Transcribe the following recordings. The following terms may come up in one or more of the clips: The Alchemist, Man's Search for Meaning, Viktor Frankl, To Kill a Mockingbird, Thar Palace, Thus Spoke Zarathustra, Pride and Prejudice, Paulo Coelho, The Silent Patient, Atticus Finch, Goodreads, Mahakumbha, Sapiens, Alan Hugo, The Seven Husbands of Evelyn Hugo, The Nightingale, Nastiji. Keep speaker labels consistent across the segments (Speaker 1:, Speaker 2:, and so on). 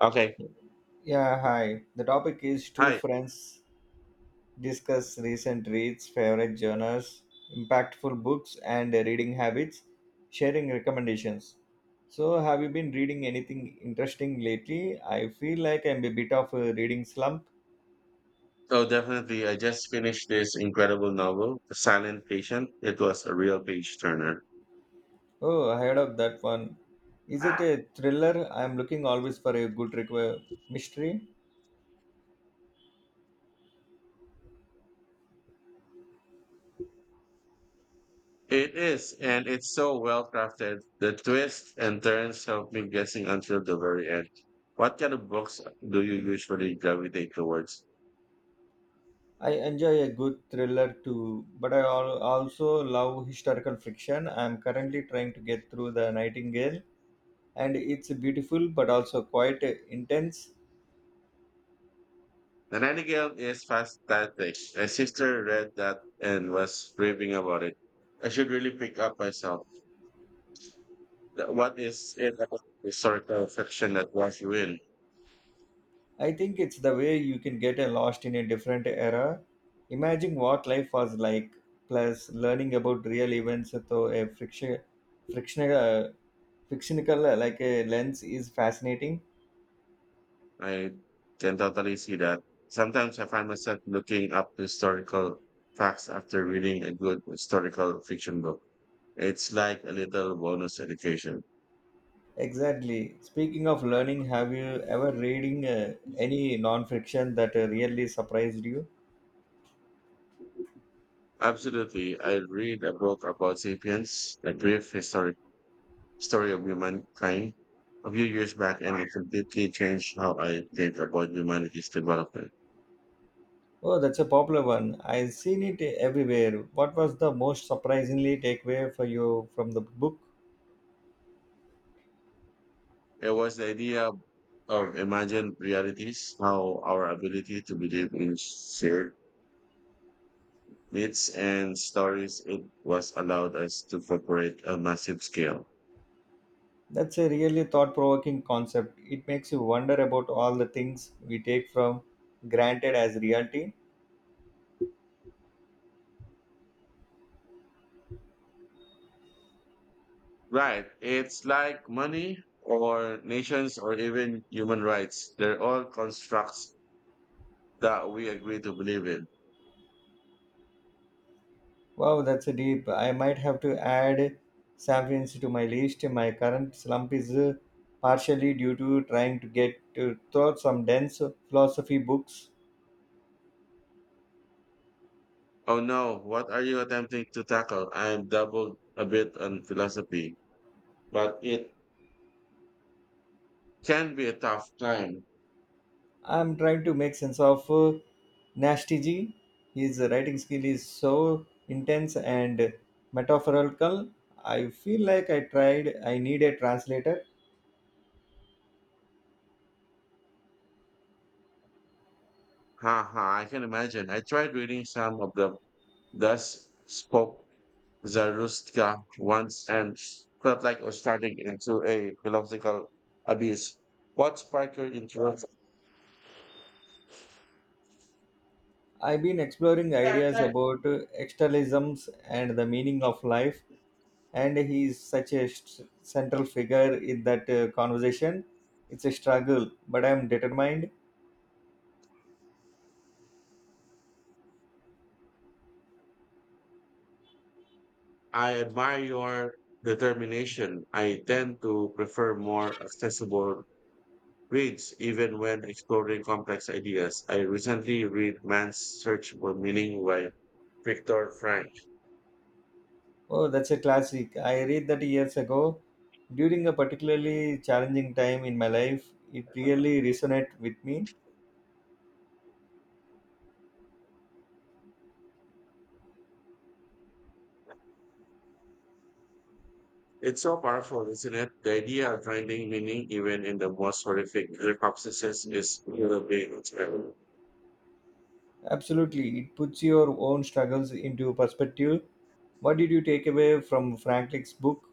Speaker 1: Okay.
Speaker 2: Yeah, hi. The topic is two
Speaker 1: Hi.
Speaker 2: friends discuss recent reads, favorite genres, impactful books, and reading habits, sharing recommendations. So, have you been reading anything interesting lately? I feel like I'm a bit of a reading slump.
Speaker 1: So definitely, I just finished this incredible novel, The Silent Patient. It was a real page turner.
Speaker 2: Oh, I heard of that one. Is it a thriller? I'm looking always for a good mystery.
Speaker 1: It is, and it's so well crafted. The twists and turns help me guessing until the very end. What kind of books do you usually gravitate towards?
Speaker 2: I enjoy a good thriller too, but I also love historical fiction. I'm currently trying to get through The Nightingale, and it's beautiful but also quite intense.
Speaker 1: The Nightingale is fantastic. My sister read that and was raving about it. I should really pick up myself. What is it about historical fiction that draws you in?
Speaker 2: I think it's the way you can get lost in a different era. Imagine what life was like, plus learning about real events through a frictional, uh, fictional like a lens is fascinating.
Speaker 1: I can totally see that. Sometimes I find myself looking up historical facts after reading a good historical fiction book. It's like a little bonus education.
Speaker 2: Exactly. Speaking of learning, have you ever reading any non-fiction that really surprised you?
Speaker 1: Absolutely. I read a book about sapiens, a brief historic story of humankind, a few years back, and it completely changed how I think about humanity's development.
Speaker 2: Oh, that's a popular one. I've seen it everywhere. What was the most surprisingly takeaway for you from the book?
Speaker 1: It was the idea of imagined realities, how our ability to believe in shared myths and stories it was allowed us to corporate a massive scale.
Speaker 2: That's a really thought provoking concept. It makes you wonder about all the things we take from granted as reality.
Speaker 1: Right. It's like money or nations or even human rights. They're all constructs that we agree to believe in.
Speaker 2: Wow, that's a deep. I might have to add San Francisco to my list. My current slump is partially due to trying to get to through some dense philosophy books.
Speaker 1: Oh no, what are you attempting to tackle? I'm doubled a bit on philosophy, but it can be a tough time.
Speaker 2: I'm trying to make sense of Nastiji. His writing skill is so intense and metaphorical. I feel like I tried, I need a translator.
Speaker 1: Haha, I can imagine. I tried reading some of the thus spoke Zarathustra once and felt like I was starting into a philosophical abyss. What sparked your interest?
Speaker 2: I've been exploring ideas about externalisms and the meaning of life, and he is such a central figure in that conversation. It's a struggle, but I'm determined.
Speaker 1: I admire your determination. I tend to prefer more accessible reads, even when exploring complex ideas. I recently read Man's Search for Meaning by Viktor Frank.
Speaker 2: Oh, that's a classic. I read that years ago during a particularly challenging time in my life. It really resonated with me.
Speaker 1: It's so powerful, isn't it? The idea of finding meaning even in the most horrific circumstances is really big.
Speaker 2: Absolutely, it puts your own struggles into perspective. What did you take away from Franklin's book?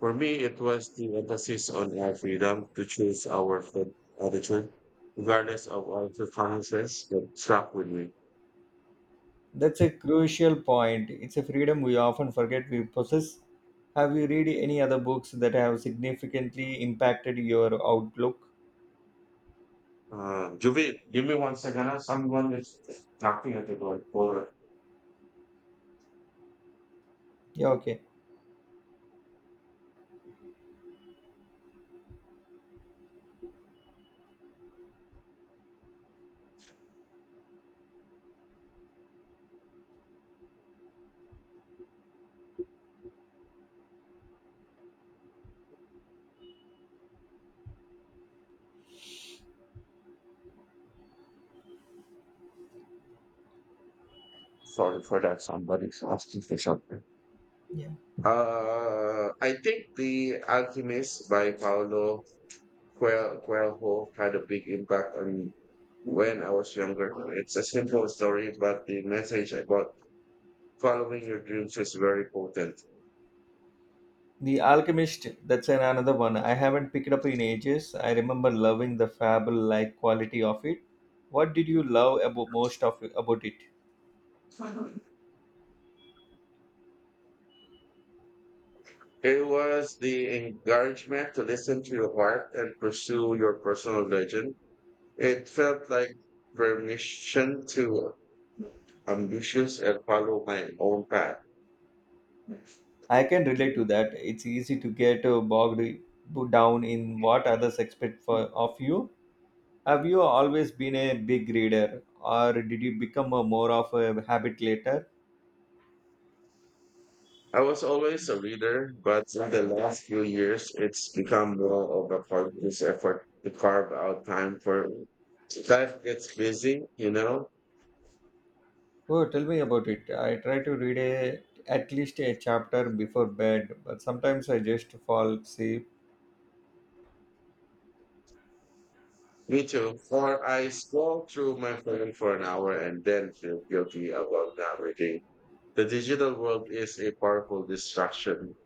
Speaker 1: For me, it was the emphasis on our freedom to choose our food attitude, regardless of our preferences, that stuck with me.
Speaker 2: That's a crucial point. It's a freedom we often forget we possess. Have you read any other books that have significantly impacted your outlook?
Speaker 1: Juvi, give me 1 second. Huh? Someone is knocking at the door. Or,
Speaker 2: Yeah, okay.
Speaker 1: sorry for that. Somebody's asking for something.
Speaker 2: Yeah.
Speaker 1: I think The Alchemist by Paulo Coelho had a big impact on me when I was younger. It's a simple story, but the message about following your dreams is very potent.
Speaker 2: The Alchemist, another one. I haven't picked up in ages. I remember loving the fable-like quality of it. What did you love about most of about it?
Speaker 1: It was the encouragement to listen to your heart and pursue your personal legend. It felt like permission to ambitious and follow my own path.
Speaker 2: I can relate to that. It's easy to get bogged down in what others expect for, of you. Have you always been a big reader, or did you become a more of a habit later?
Speaker 1: I was always a reader, but in the last few years, it's become more of a conscious effort to carve out time for it. Life gets busy, you know.
Speaker 2: Oh, tell me about it. I try to at least a chapter before bed, but sometimes I just fall asleep.
Speaker 1: Me too. Or I scroll through my phone for an hour and then feel guilty about not reading. The digital world is a powerful distraction.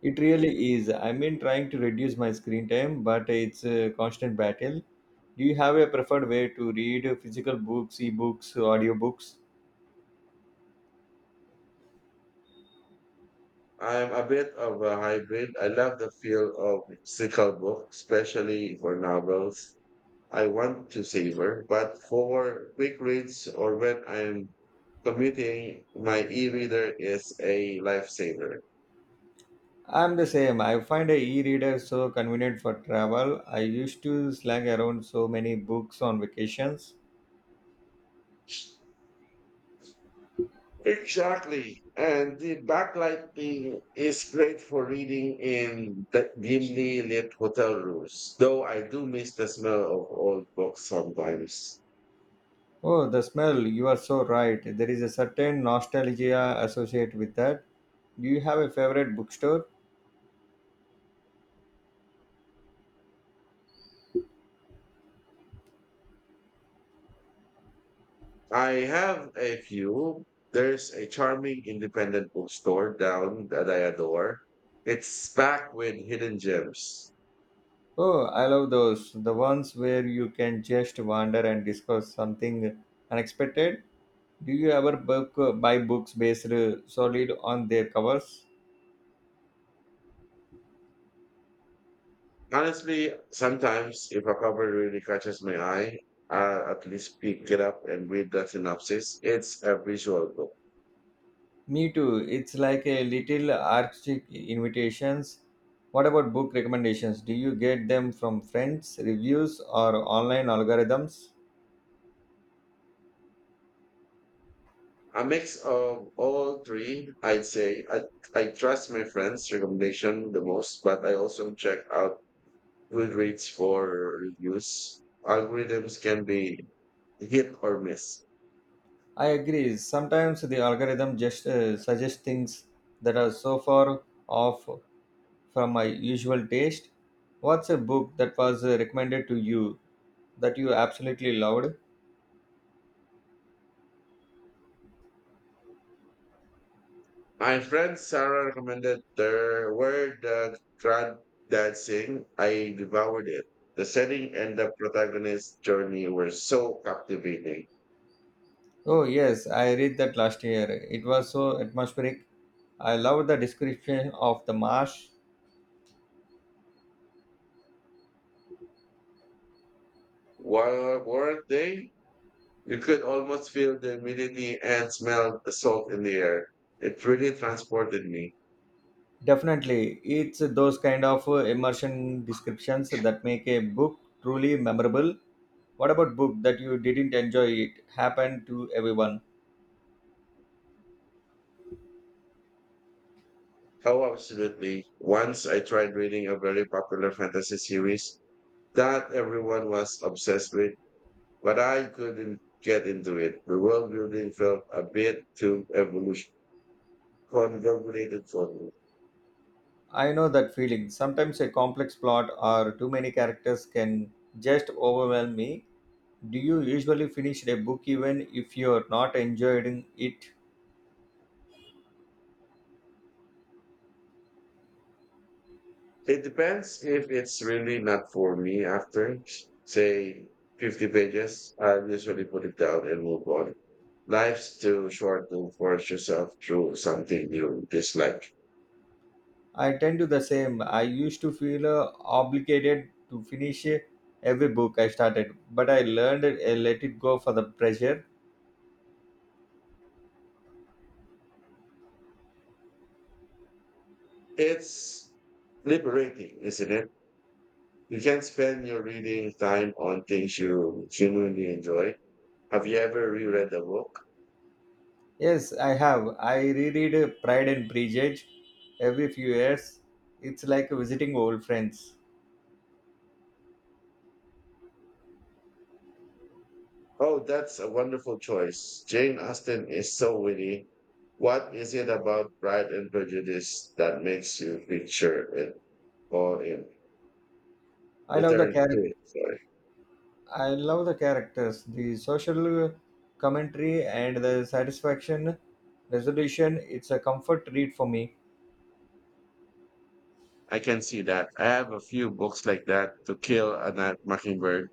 Speaker 2: It really is. I mean, trying to reduce my screen time, but it's a constant battle. Do you have a preferred way to read physical books, ebooks, audiobooks?
Speaker 1: I'm a bit of a hybrid. I love the feel of physical book, especially for novels. I want to savor, but for quick reads or when I'm commuting, my e-reader is a lifesaver.
Speaker 2: I'm the same. I find a e-reader so convenient for travel. I used to slang around so many books on vacations.
Speaker 1: Exactly. And the backlighting is great for reading in the dimly lit hotel rooms, though I do miss the smell of old books sometimes.
Speaker 2: Oh, the smell. You are so right. There is a certain nostalgia associated with that. Do you have a favorite bookstore?
Speaker 1: I have a few. There's a charming independent bookstore down that I adore. It's packed with hidden gems.
Speaker 2: Oh, I love those. The ones where you can just wander and discover something unexpected. Do you ever book, buy books based solely on their covers?
Speaker 1: Honestly, sometimes if a cover really catches my eye, I at least pick it up and read the synopsis. It's a visual book.
Speaker 2: Me too. It's like a little artistic invitations. What about book recommendations? Do you get them from friends, reviews, or online algorithms?
Speaker 1: A mix of all three, I'd say. I trust my friends' recommendation the most, but I also check out Goodreads for reviews. Algorithms can be hit or miss.
Speaker 2: I agree. Sometimes the algorithm just suggests things that are so far off from my usual taste. What's a book that was recommended to you that you absolutely loved?
Speaker 1: My friend Sarah recommended *The were the Granddad Sing. I devoured it. The setting and the protagonist's journey were so captivating.
Speaker 2: Oh, yes, I read that last year. It was so atmospheric. I loved the description of the marsh.
Speaker 1: Weren't they? You could almost feel the humidity and smell the salt in the air. It really transported me.
Speaker 2: Definitely, it's those kind of immersion descriptions that make a book truly memorable. What about book that you didn't enjoy? It happened to everyone.
Speaker 1: Oh, absolutely. Once I tried reading a very popular fantasy series that everyone was obsessed with. But I couldn't get into it. The world building felt a bit too evolution convoluted for me.
Speaker 2: I know that feeling. Sometimes a complex plot or too many characters can just overwhelm me. Do you usually finish a book even if you're not enjoying it?
Speaker 1: It depends if it's really not for me after, say, 50 pages. I usually put it down and move on. Life's too short to force yourself through something you dislike.
Speaker 2: I tend to the same. I used to feel obligated to finish every book I started, but I learned let it go for the pressure.
Speaker 1: It's liberating, isn't it? You can spend your reading time on things you genuinely enjoy. Have you ever reread a book?
Speaker 2: Yes, I have. I reread Pride and Prejudice every few years. It's like visiting old friends.
Speaker 1: Oh, that's a wonderful choice. Jane Austen is so witty. What is it about Pride and Prejudice that makes you picture it or in
Speaker 2: I love the
Speaker 1: return to
Speaker 2: character.
Speaker 1: it? Sorry.
Speaker 2: I love the characters, the social commentary, and the satisfaction resolution. It's a comfort read for me.
Speaker 1: I can see that. I have a few books like that to kill a Night mockingbird.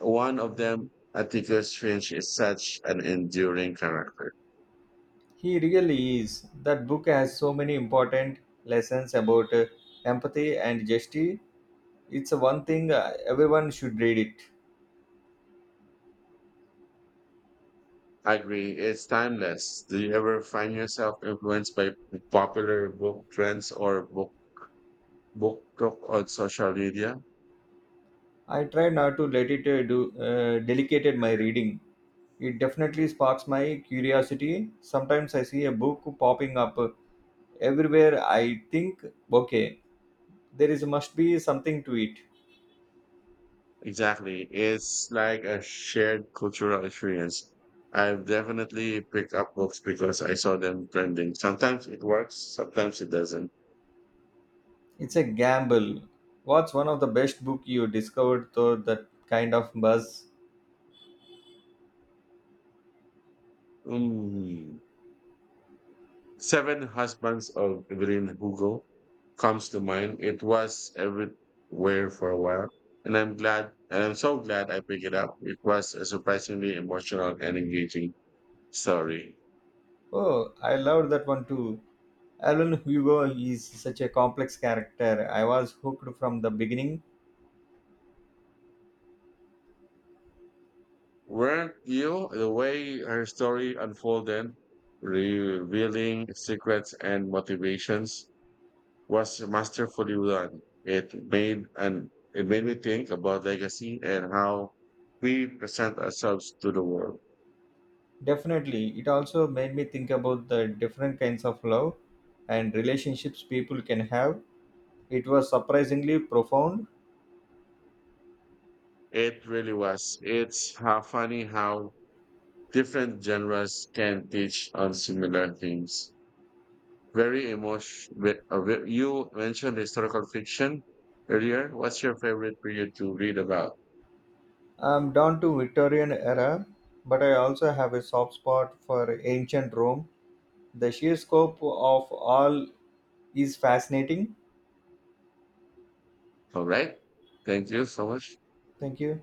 Speaker 1: One of them, Atticus Finch, is such an enduring character.
Speaker 2: He really is. That book has so many important lessons about empathy and justice. It's a one thing everyone should read it.
Speaker 1: I agree. It's timeless. Do you ever find yourself influenced by popular book trends or book talk on social media?
Speaker 2: I try not to let it do delicate my reading. It definitely sparks my curiosity. Sometimes I see a book popping up everywhere. I think, okay, there is must be something to it.
Speaker 1: Exactly. It's like a shared cultural experience. I've definitely picked up books because I saw them trending. Sometimes it works, sometimes it doesn't.
Speaker 2: It's a gamble. What's one of the best book you discovered through that kind of buzz?
Speaker 1: Mm. Seven Husbands of Evelyn Hugo comes to mind. It was everywhere for a while. And I'm so glad I picked it up. It was a surprisingly emotional and engaging story.
Speaker 2: Oh, I loved that one too. Alan Hugo is such a complex character. I was hooked from the beginning.
Speaker 1: Weren't you? The way her story unfolded, revealing secrets and motivations, was masterfully done. It made me think about legacy and how we present ourselves to the world.
Speaker 2: Definitely. It also made me think about the different kinds of love and relationships people can have. It was surprisingly profound.
Speaker 1: It really was. It's how funny how different genres can teach on similar themes. Very emotional. You mentioned historical fiction earlier. What's your favorite period to read about?
Speaker 2: I'm down to Victorian era, but I also have a soft spot for ancient Rome. The sheer scope of all is fascinating.
Speaker 1: All right. Thank you so much.
Speaker 2: Thank you.